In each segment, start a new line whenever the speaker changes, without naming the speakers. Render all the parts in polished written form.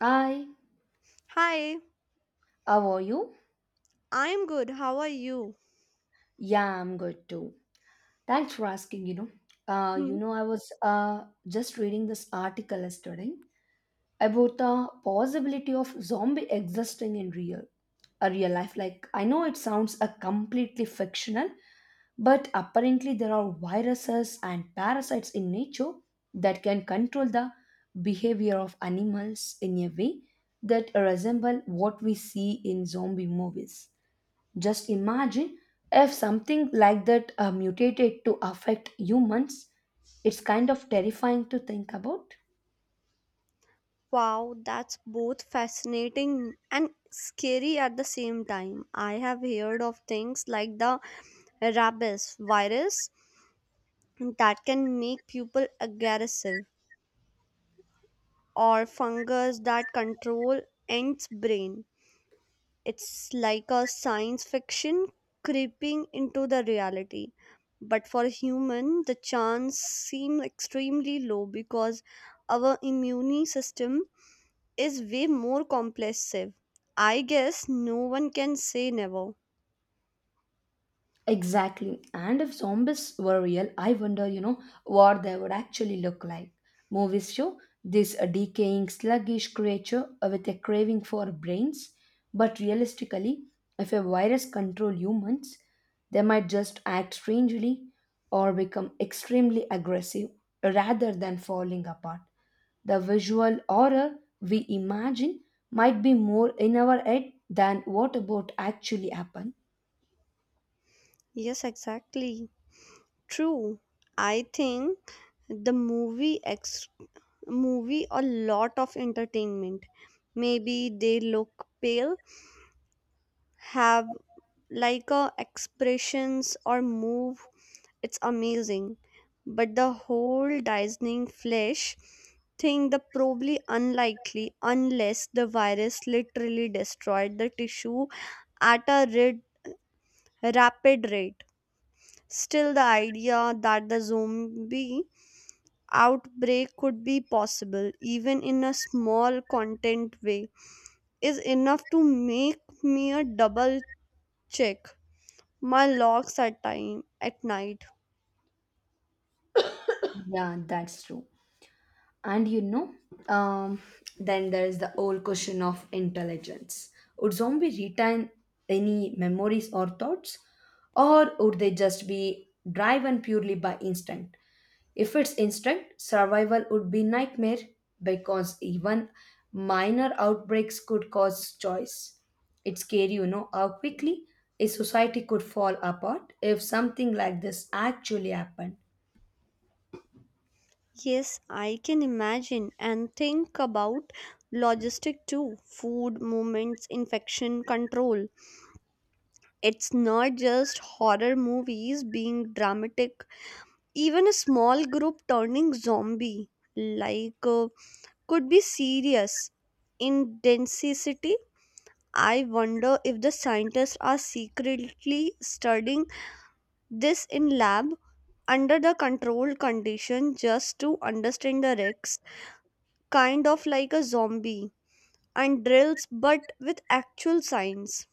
Hi,
Hi,
how are you?
I'm good. How are you?
Yeah, I'm good too. Thanks for asking,
Hmm.
I was just reading this article yesterday about the possibility of zombie existing in real a real life. Like I know it sounds a completely fictional, but apparently there are viruses and parasites in nature that can control the behavior of animals in a way that resemble what we see in zombie movies. Just imagine if something like that mutated to affect humans. It's kind of terrifying to think about.
Wow, that's both fascinating and scary at the same time. I have heard of things like the rabies virus that can make people aggressive or fungus that control ants' brain. It's like a science fiction creeping into the reality. But for human, the chance seem extremely low because our immune system is way more compulsive. I guess no one can say never.
Exactly. And if zombies were real, I wonder what they would actually look like. Movies show this decaying, sluggish creature with a craving for brains. But realistically, if a virus controlled humans, they might just act strangely or become extremely aggressive rather than falling apart. The visual horror we imagine might be more in our head than what about actually happen.
Yes, exactly. True. I think the movie movie a lot of entertainment. Maybe they look pale, have like expressions or move, it's amazing, but the whole Disney flesh thing the probably unlikely unless the virus literally destroyed the tissue at a rapid rate. Still, the idea that the zombie outbreak could be possible even in a small content way is enough to make me a double check my logs at time at night.
Yeah, that's true. And you know, um, then there is the old question of intelligence. Would zombie retain any memories or thoughts, or would they just be driven purely by instinct? If it's instinct, survival would be nightmare because even minor outbreaks could cause choice. It's scary how quickly a society could fall apart if something like this actually happened.
Yes, I can imagine and think about logistic too, food, movements, infection control. It's not just horror movies being dramatic, even a small group turning zombie like, could be serious. In density, I wonder if the scientists are secretly studying this in lab under the controlled condition just to understand the risks, kind of like a zombie and drills but with actual science.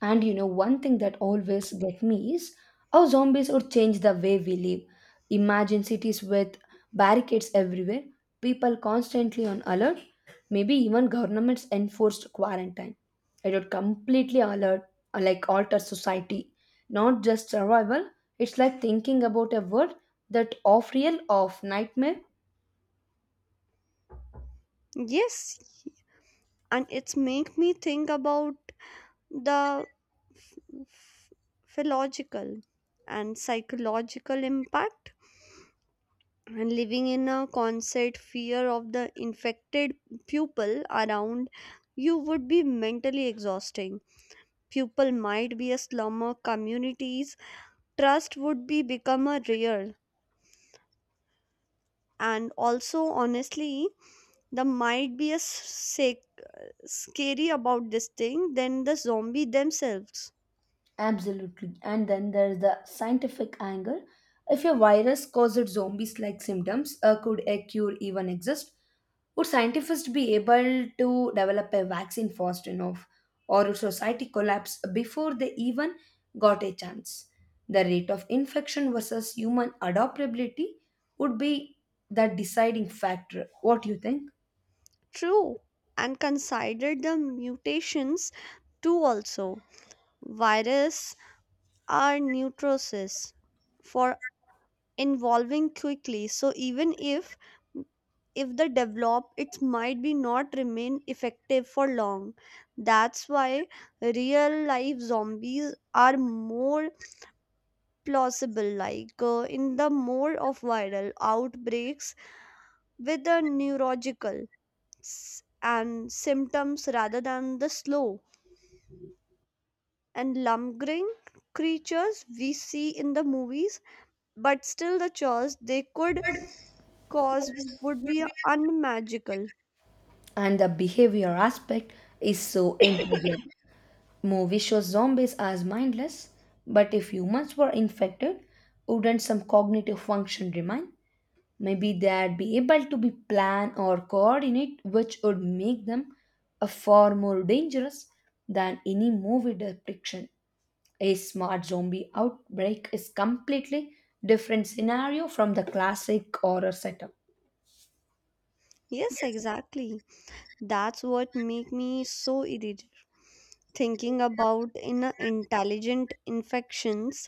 And you know, one thing that always get me is how zombies would change the way we live. Imagine cities with barricades everywhere, people constantly on alert, maybe even governments enforced quarantine. It would completely alert, like alter society, not just survival. It's like thinking about a world that of real of nightmare.
Yes, and it's make me think about the f- philological and psychological impact, and living in a constant fear of the infected pupil around you would be mentally exhausting. Pupil might be a slumber communities, trust would be become a rare, and also honestly there might be a sick scary about this thing than the zombie themselves.
Absolutely. And then there's the scientific angle. If a virus causes zombies like symptoms, could a cure even exist? Would scientists be able to develop a vaccine fast enough? Or would society collapse before they even got a chance? The rate of infection versus human adaptability would be the deciding factor. What do you think?
True. And consider the mutations too also. Virus are neutrosis for evolving quickly. So even if they develop it might be not remain effective for long. That's why real life zombies are more plausible like, in the more of viral outbreaks with the neurological and symptoms rather than the slow and lumbering creatures we see in the movies, but still the chores they could cause would be unmagical.
And the behavior aspect is so integral. Movie shows zombies as mindless, but if humans were infected, wouldn't some cognitive function remain? Maybe they'd be able to be plan or coordinate, which would make them a far more dangerous than any movie depiction. A smart zombie outbreak is completely different scenario from the classic horror setup.
Yes, exactly. That's what make me so irritated thinking about in a intelligent infections.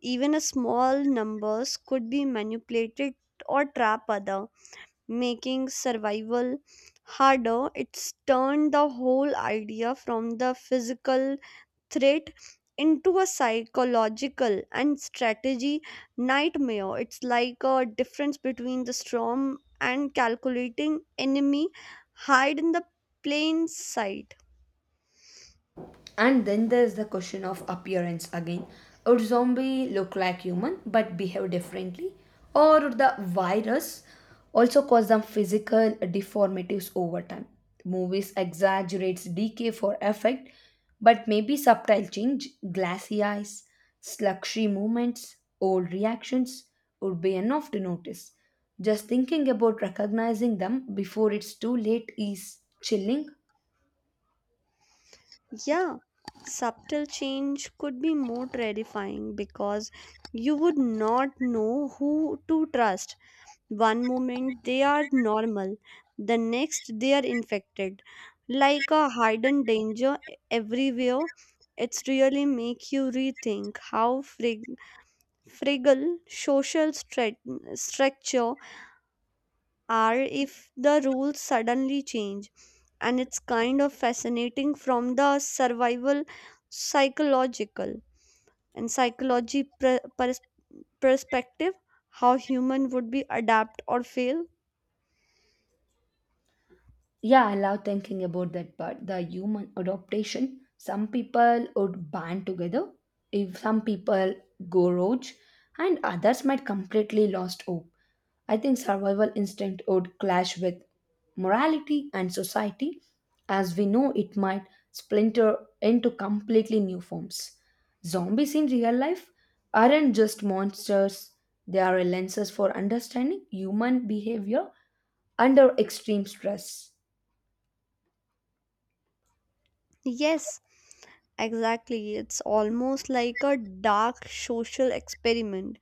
Even a small numbers could be manipulated or trap other, making survival harder. It's turned the whole idea from the physical threat into a psychological and strategy nightmare. It's like a difference between the storm and calculating enemy hide in the plain sight.
And then there's the question of appearance again. Would zombie look like human but behave differently? Or would the virus also cause some physical deformities over time? Movies exaggerates decay for effect, but maybe subtle change, glassy eyes, sluggy movements, old reactions would be enough to notice. Just thinking about recognizing them before it's too late is chilling.
Yeah, subtle change could be more terrifying because you would not know who to trust. One moment they are normal, the next they are infected. Like a hidden danger everywhere, it's really make you rethink how fragile social structure are if the rules suddenly change. And it's kind of fascinating from the survival psychological and psychology perspective, how human would be adapt or fail.
Yeah, I love thinking about that part. The human adaptation. Some people would band together, if some people go rogue, and others might completely lost hope. I think survival instinct would clash with morality and society, as we know it might splinter into completely new forms. Zombies in real life aren't just monsters, they are lenses for understanding human behavior under extreme stress.
Yes, exactly. It's almost like a dark social experiment.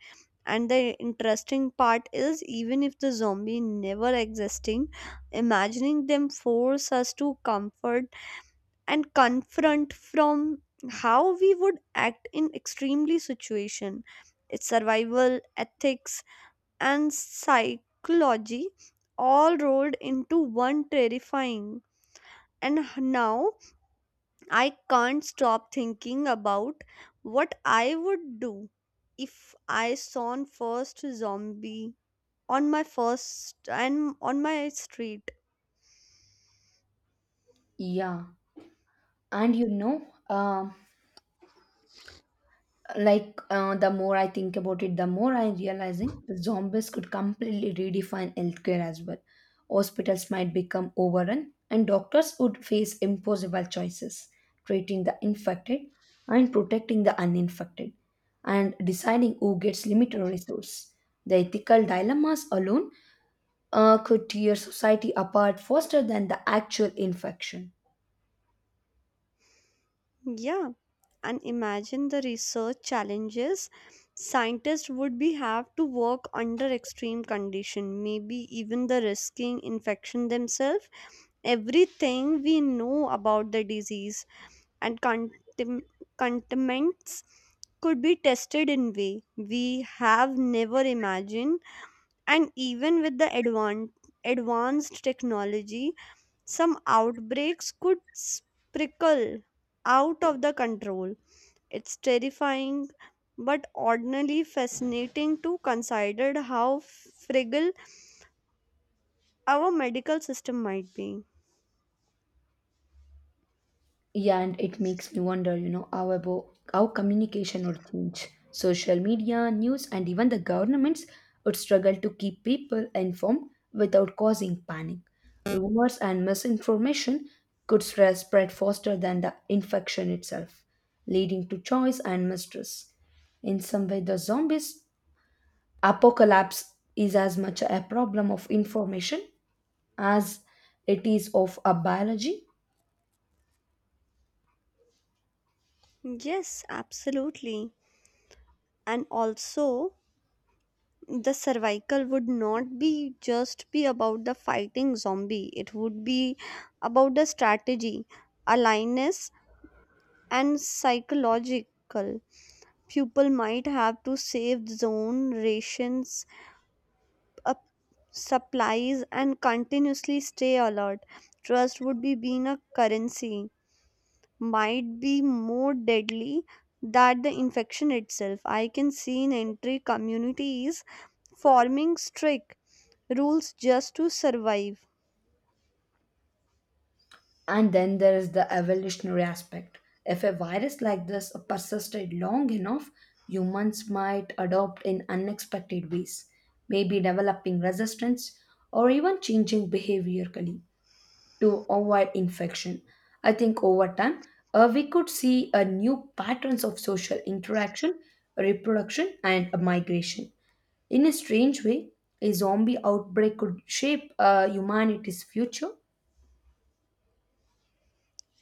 And the interesting part is, even if the zombie never existing, imagining them force us to comfort and confront from how we would act in extremely situation. It's survival, ethics, and psychology all rolled into one terrifying. And now I can't stop thinking about what I would do if I saw an first zombie on my first and on my street.
Yeah, and you know, like the more I think about it, the more I'm realizing the zombies could completely redefine healthcare as well. Hospitals might become overrun, and doctors would face impossible choices, treating the infected and protecting the uninfected, and deciding who gets limited resource. The ethical dilemmas alone could tear society apart faster than the actual infection.
Yeah, and imagine the research challenges, scientists would be have to work under extreme condition, maybe even the risking infection themselves. Everything we know about the disease and contentments could be tested in way we have never imagined, and even with the advanced technology some outbreaks could sprinkle out of the control. It's terrifying but ordinarily fascinating to consider how fragile our medical system might be.
Yeah, and it makes me wonder how about how communication would change. Social media, news, and even the governments would struggle to keep people informed without causing panic. Rumors and misinformation could spread faster than the infection itself, leading to choice and mistrust. In some way, the zombies apocalypse is as much a problem of information as it is of a biology.
Yes, absolutely. And also, the survival would not be just be about the fighting zombie, it would be about the strategy, aliveness, and psychological. People might have to save zone rations, uh, supplies and continuously stay alert. Trust would be being a currency, might be more deadly than the infection itself. I can see in entry communities forming strict rules just to survive.
And then there is the evolutionary aspect. If a virus like this persisted long enough, humans might adopt in unexpected ways, maybe developing resistance or even changing behaviorally to avoid infection. I think over time, we could see a new patterns of social interaction, reproduction, and migration. In a strange way, a zombie outbreak could shape humanity's future.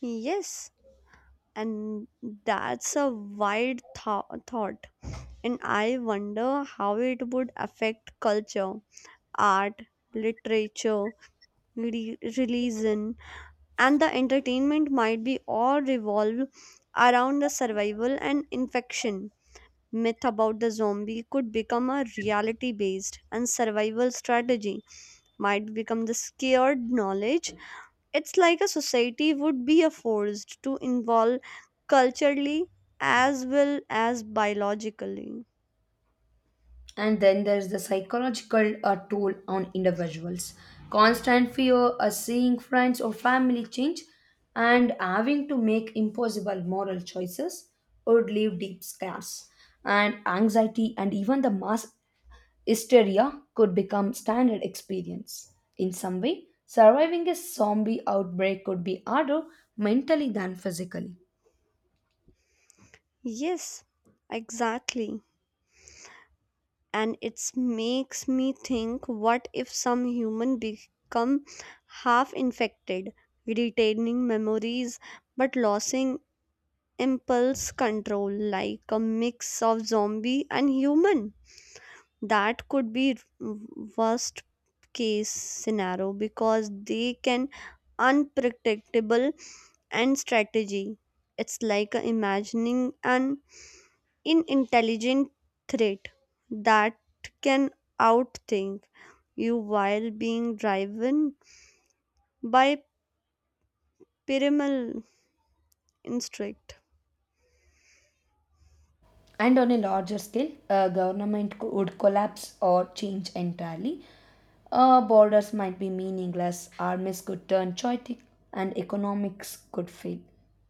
Yes, and that's a wild thought. And I wonder how it would affect culture, art, literature, religion, and the entertainment might be all revolve around the survival and infection. Myth about the zombie could become a reality based, and survival strategy might become the scared knowledge. It's like a society would be a forced to involve culturally as well as biologically.
And then there's the psychological toll on individuals, constant fear of seeing friends or family change and having to make impossible moral choices would leave deep scars and anxiety, and even the mass hysteria could become standard experience. In some way surviving a zombie outbreak could be harder mentally than physically.
Yes, exactly. And it makes me think, what if some human become half infected, retaining memories but losing impulse control, like a mix of zombie and human? That could be worst case scenario because they can unpredictable and strategy. It's like a imagining an inintelligent threat that can outthink you while being driven by primal instinct.
And on a larger scale, a would collapse or change entirely. Borders might be meaningless, armies could turn chaotic, and economics could fail.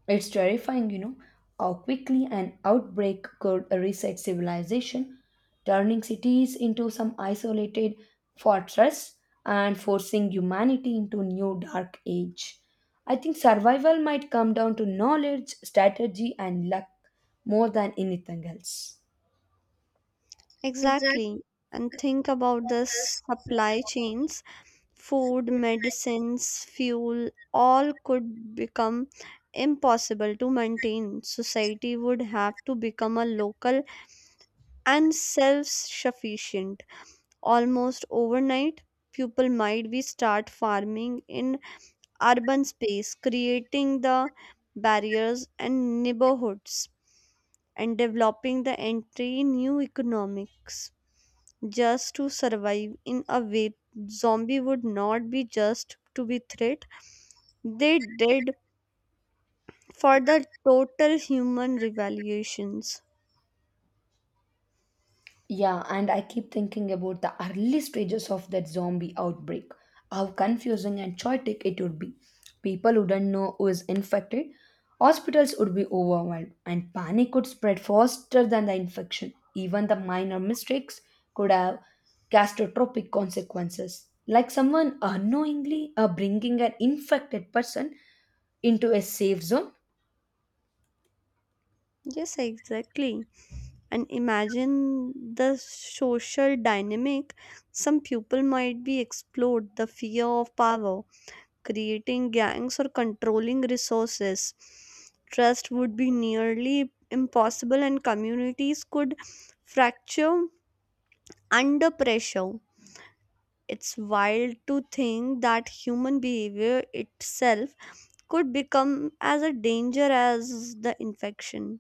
It's terrifying how quickly an outbreak could reset civilization, turning cities into some isolated fortress and forcing humanity into new dark age. I think survival might come down to knowledge, strategy, and luck more than anything else. Exactly.
Exactly. And think about the
This.
supply chains. Food, medicines, fuel, all could become impossible to maintain. Society would have to become a local and self sufficient. Almost overnight, people might be start farming in urban space, creating the barriers and neighborhoods and developing the entry new economics just to survive. In a way, zombie would not be just to be threat. They did for the total human revaluations.
Yeah, and I keep thinking about the early stages of that zombie outbreak. How confusing and chaotic it would be. People wouldn't know who is infected, hospitals would be overwhelmed, and panic could spread faster than the infection. Even the minor mistakes could have catastrophic consequences, like someone unknowingly bringing an infected person into a safe zone.
Yes, exactly. And imagine the social dynamic. Some people might be explode the fear of power, creating gangs or controlling resources. Trust would be nearly impossible, and communities could fracture under pressure. It's wild to think that human behavior itself could become as a danger as the infection.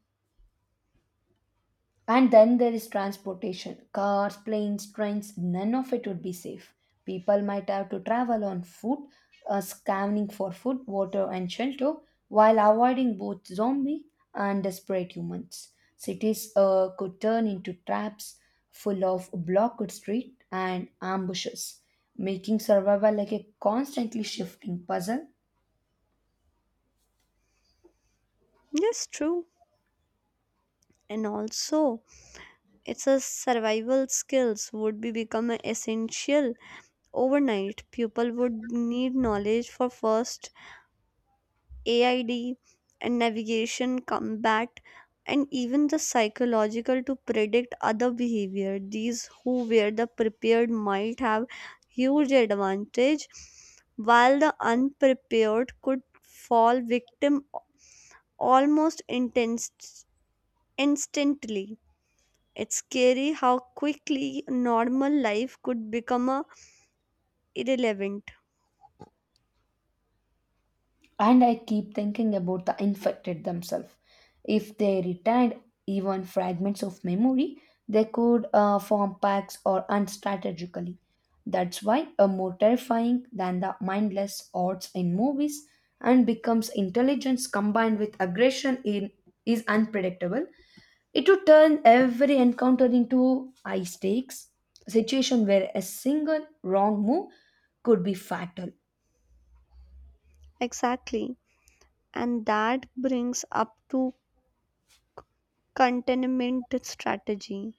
And then there is transportation cars, planes, trains, none of it would be safe. People might have to travel on foot, scanning for food, water, and shelter while avoiding both zombie and desperate humans. Cities could turn into traps full of blocked street and ambushes, making survival like a constantly shifting puzzle.
Yes, true. And also, it's a survival skills would be become a essential overnight. People would need knowledge for first AID and navigation, combat, and even the psychological to predict other behavior. These who were the prepared might have huge advantage, while the unprepared could fall victim almost intense, instantly. It's scary how quickly normal life could become a irrelevant.
And I keep thinking about the infected themselves. If they retained even fragments of memory, they could form packs or unstrategically. That's why a more terrifying than the mindless odds in movies and becomes intelligence combined with aggression in is unpredictable. It would turn every encounter into high stakes situation where a single wrong move could be fatal.
Exactly. And that brings up to containment strategy.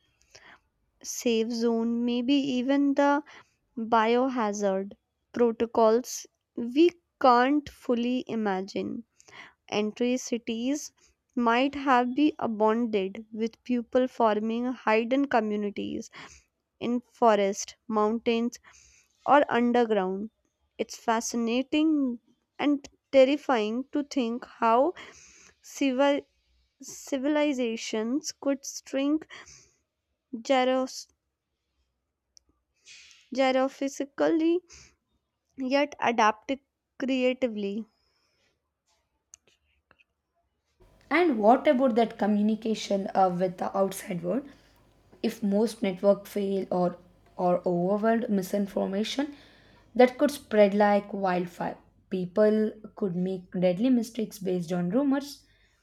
Safe zone, maybe even the biohazard protocols we can't fully imagine. Entry cities might have been abandoned with people forming hidden communities in forest, mountains or underground. It's fascinating and terrifying to think how civil civilizations could shrink gyros- gyrophysically yet adapt it creatively.
And what about that communication with the outside world? If most network fail or overwhelmed misinformation, that could spread like wildfire. People could make deadly mistakes based on rumors,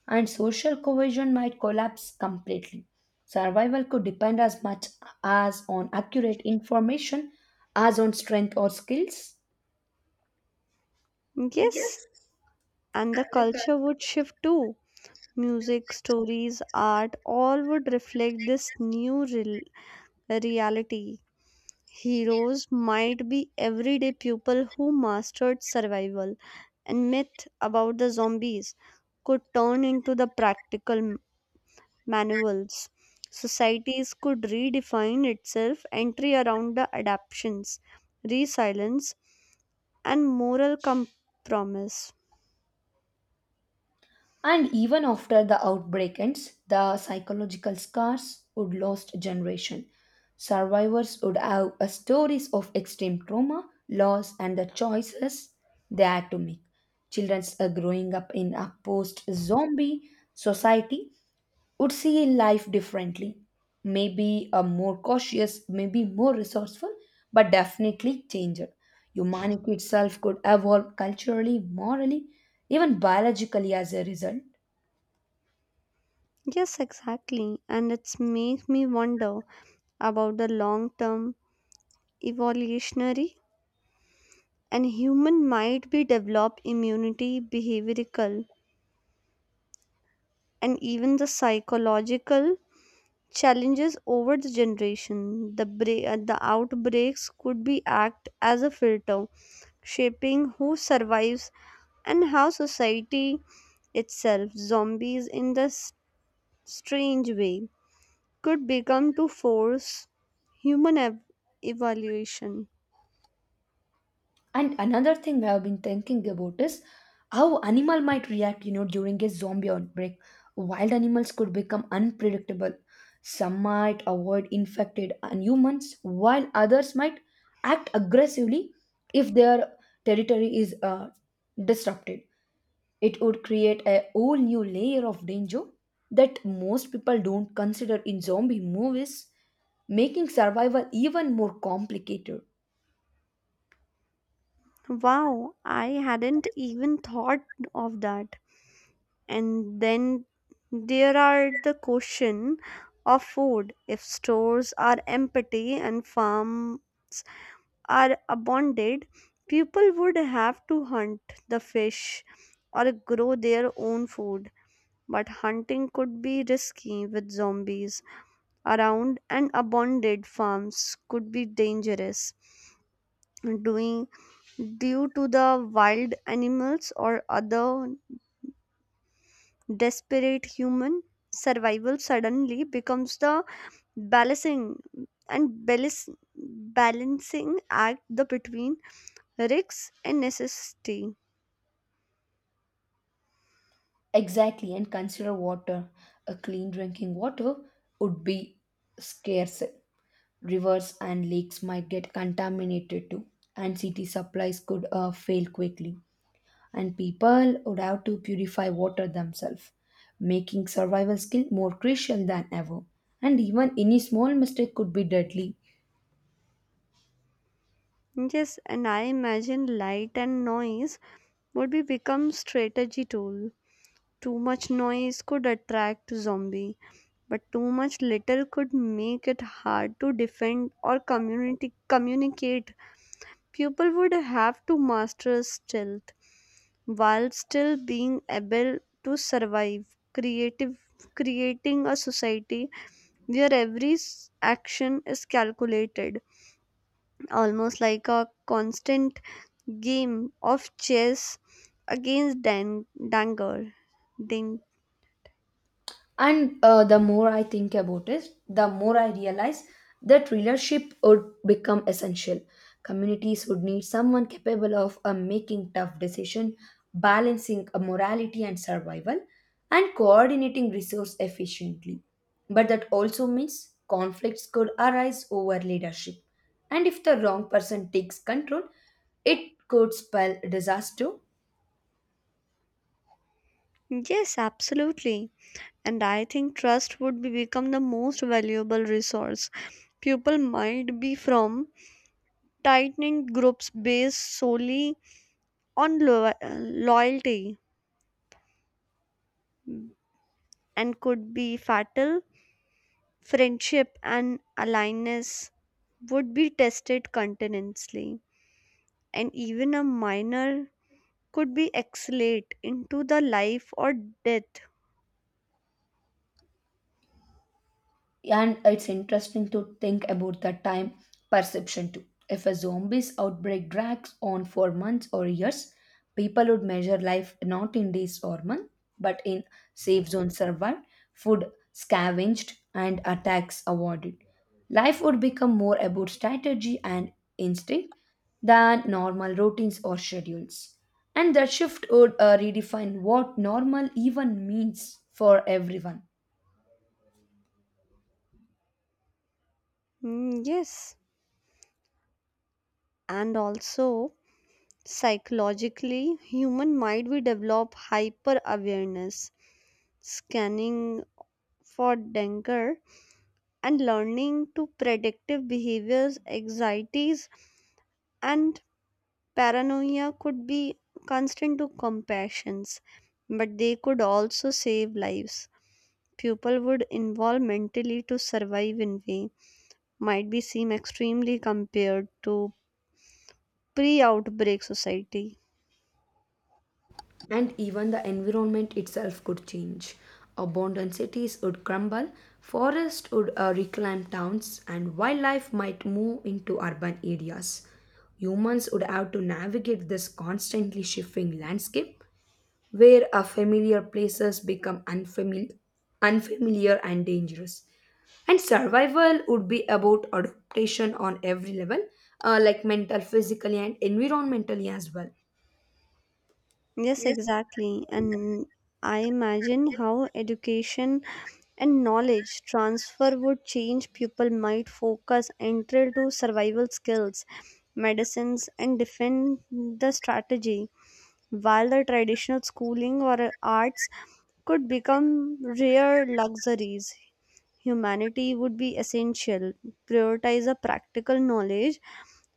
and social cohesion might collapse completely. Survival could depend as much as on accurate information as on strength or skills.
Yes, and the culture would shift too. Music, stories, art, all would reflect this new reality. Heroes might be everyday people who mastered survival, and myth about the zombies could turn into the practical manuals. Societies could redefine itself entry around the adaptations, resilience, and moral compromise.
And even after the outbreak ends, the psychological scars would last generation. Survivors would have a stories of extreme trauma, loss, and the choices they had to make. Children growing up in a post-zombie society would see life differently, maybe more cautious, maybe more resourceful, but definitely changed. Humanity itself could evolve culturally, morally, even biologically as a result.
Yes, exactly. And it's make me wonder about the long term evolutionary, and human might be develop immunity, behavioral and even the psychological challenges over the generation. The outbreaks could be act as a filter, shaping who survives and how society itself zombies in the strange way could become to force human evaluation.
And another thing I have been thinking about is how animal might react, you know, during a zombie outbreak. Wild animals could become unpredictable. Some might avoid infected and humans, while others might act aggressively if their territory is disrupted. It would create a whole new layer of danger that most people don't consider in zombie movies, making survival even more complicated.
Wow, I hadn't even thought of that. And then there are the question of food. If stores are empty and farms are abandoned, people would have to hunt the fish or grow their own food. But hunting could be risky with zombies around, and abandoned farms could be dangerous doing due to the wild animals or other desperate human. Survival suddenly becomes the balancing and balance, balancing act the between risks and necessity.
Exactly, and consider water. A clean drinking water would be scarce. Rivers and lakes might get contaminated too, and city supplies could fail quickly. And people would have to purify water themselves, making survival skill more crucial than ever. And even any small mistake could be deadly.
Yes, and I imagine light and noise would be become strategy tool. Too much noise could attract zombie, but too much litter could make it hard to defend or community communicate. People would have to master stealth while still being able to survive. Creative creating a society where every action is calculated, almost like a constant game of chess against danger. Ding.
And the more I think about it, the more I realize that leadership would become essential. Communities would need someone capable of making tough decisions, balancing morality and survival, and coordinating resource efficiently. But that also means conflicts could arise over leadership. And if the wrong person takes control, it could spell disaster.
Yes, absolutely. And I think trust would be become the most valuable resource. People might be from tightened groups based solely on loyalty, and could be fatal. Friendship and alliance would be tested continuously, and even a minor could be accelerate into the life or death.
And it's interesting to think about the time perception too. If a zombie's outbreak drags on for months or years, people would measure life not in days or months, but in safe zone survived, food scavenged, and attacks avoided. Life would become more about strategy and instinct than normal routines or schedules. And that shift would redefine what normal even means for everyone.
Mm, yes, and also psychologically human might we develop hyper awareness, scanning for danger and learning to predictive behaviors. Anxieties and paranoia could be constant to compassions, but they could also save lives. People would involve mentally to survive in way might be seem extremely compared to pre outbreak society.
And even the environment itself could change. Abandoned cities would crumble, forests would reclaim towns, and wildlife might move into urban areas. Humans would have to navigate this constantly shifting landscape where our familiar places become unfamiliar and dangerous. And survival would be about adaptation on every level, like mental, physically, and environmentally as well.
Yes,
Yes.
exactly. And I imagine how education and knowledge transfer would change. People might focus entry to survival skills, medicines, and defend the strategy, while the traditional schooling or arts could become rare luxuries. Humanity would be essential, prioritize a practical knowledge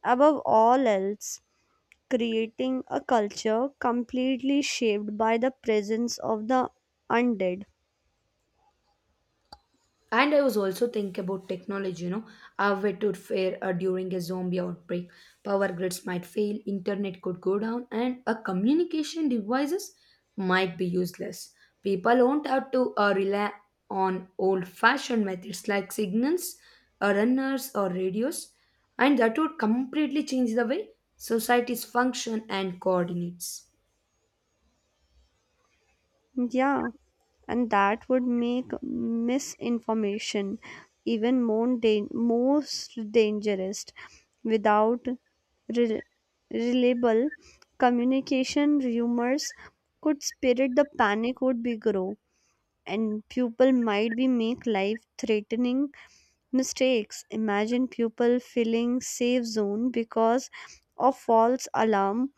above all else, creating a culture completely shaped by the presence of the undead.
And I was also thinking about technology, you know, how it would fare during a zombie outbreak. Power grids might fail, internet could go down, and a communication devices might be useless. People won't have to rely on old-fashioned methods like signals, runners, or radios, and that would completely change the way societies function and coordinates.
Yeah, and that would make misinformation even more most dangerous. Without re- reliable communication, rumors could spread. The panic would be grow, and people might be make life threatening mistakes. Imagine people feeling safe zone because of false alarm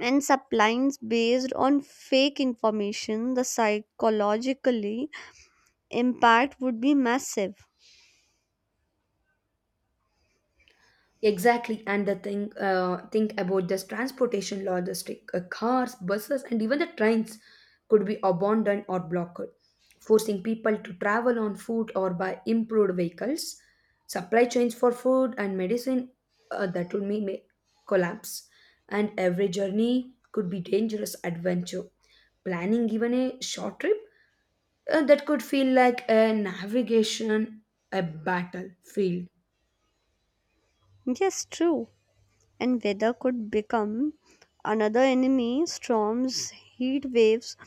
and supplies based on fake information. The psychologically impact would be massive.
Exactly, and the thing think about this transportation logistic cars, buses, and even the trains could be abandoned or blocked, forcing people to travel on foot or by improved vehicles. Supply chains for food and medicine that would may collapse, and every journey could be dangerous adventure. Planning even a short trip that could feel like a navigation, a battlefield.
Yes, true. And weather could become another enemy. Storms, heat waves,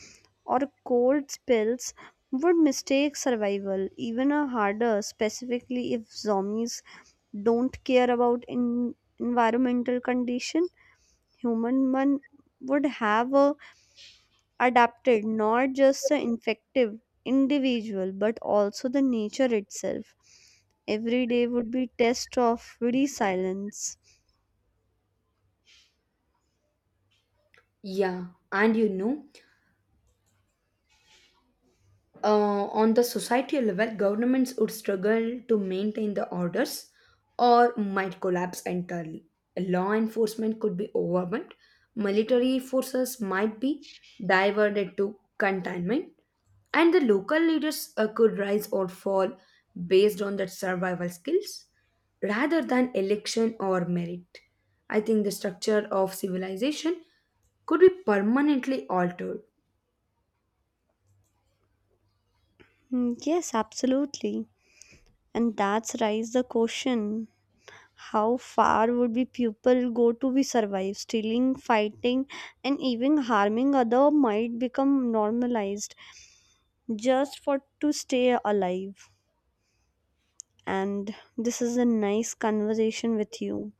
or cold spells would mistake survival even a harder specifically if zombies don't care about in environmental condition. Human Man would have adapted not just the infective individual but also the nature itself. Every day would be test of resilience.
Yeah, and you know. On the societal level, governments would struggle to maintain the orders or might collapse entirely. Law enforcement could be overwhelmed, military forces might be diverted to containment, and the local leaders could rise or fall based on their survival skills rather than election or merit. I think the structure of civilization could be permanently altered.
Mm, yes, absolutely, and that's raise the question, how far would be people go to be survive, stealing fighting and even harming other might become normalized just for to stay alive. And this is a nice conversation with you.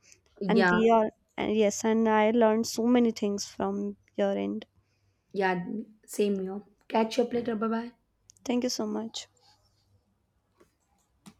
And
Yeah,
we are, and yes, and I learned so many things from your end.
Yeah, same here. Catch you up later. Bye bye.
Thank you so much.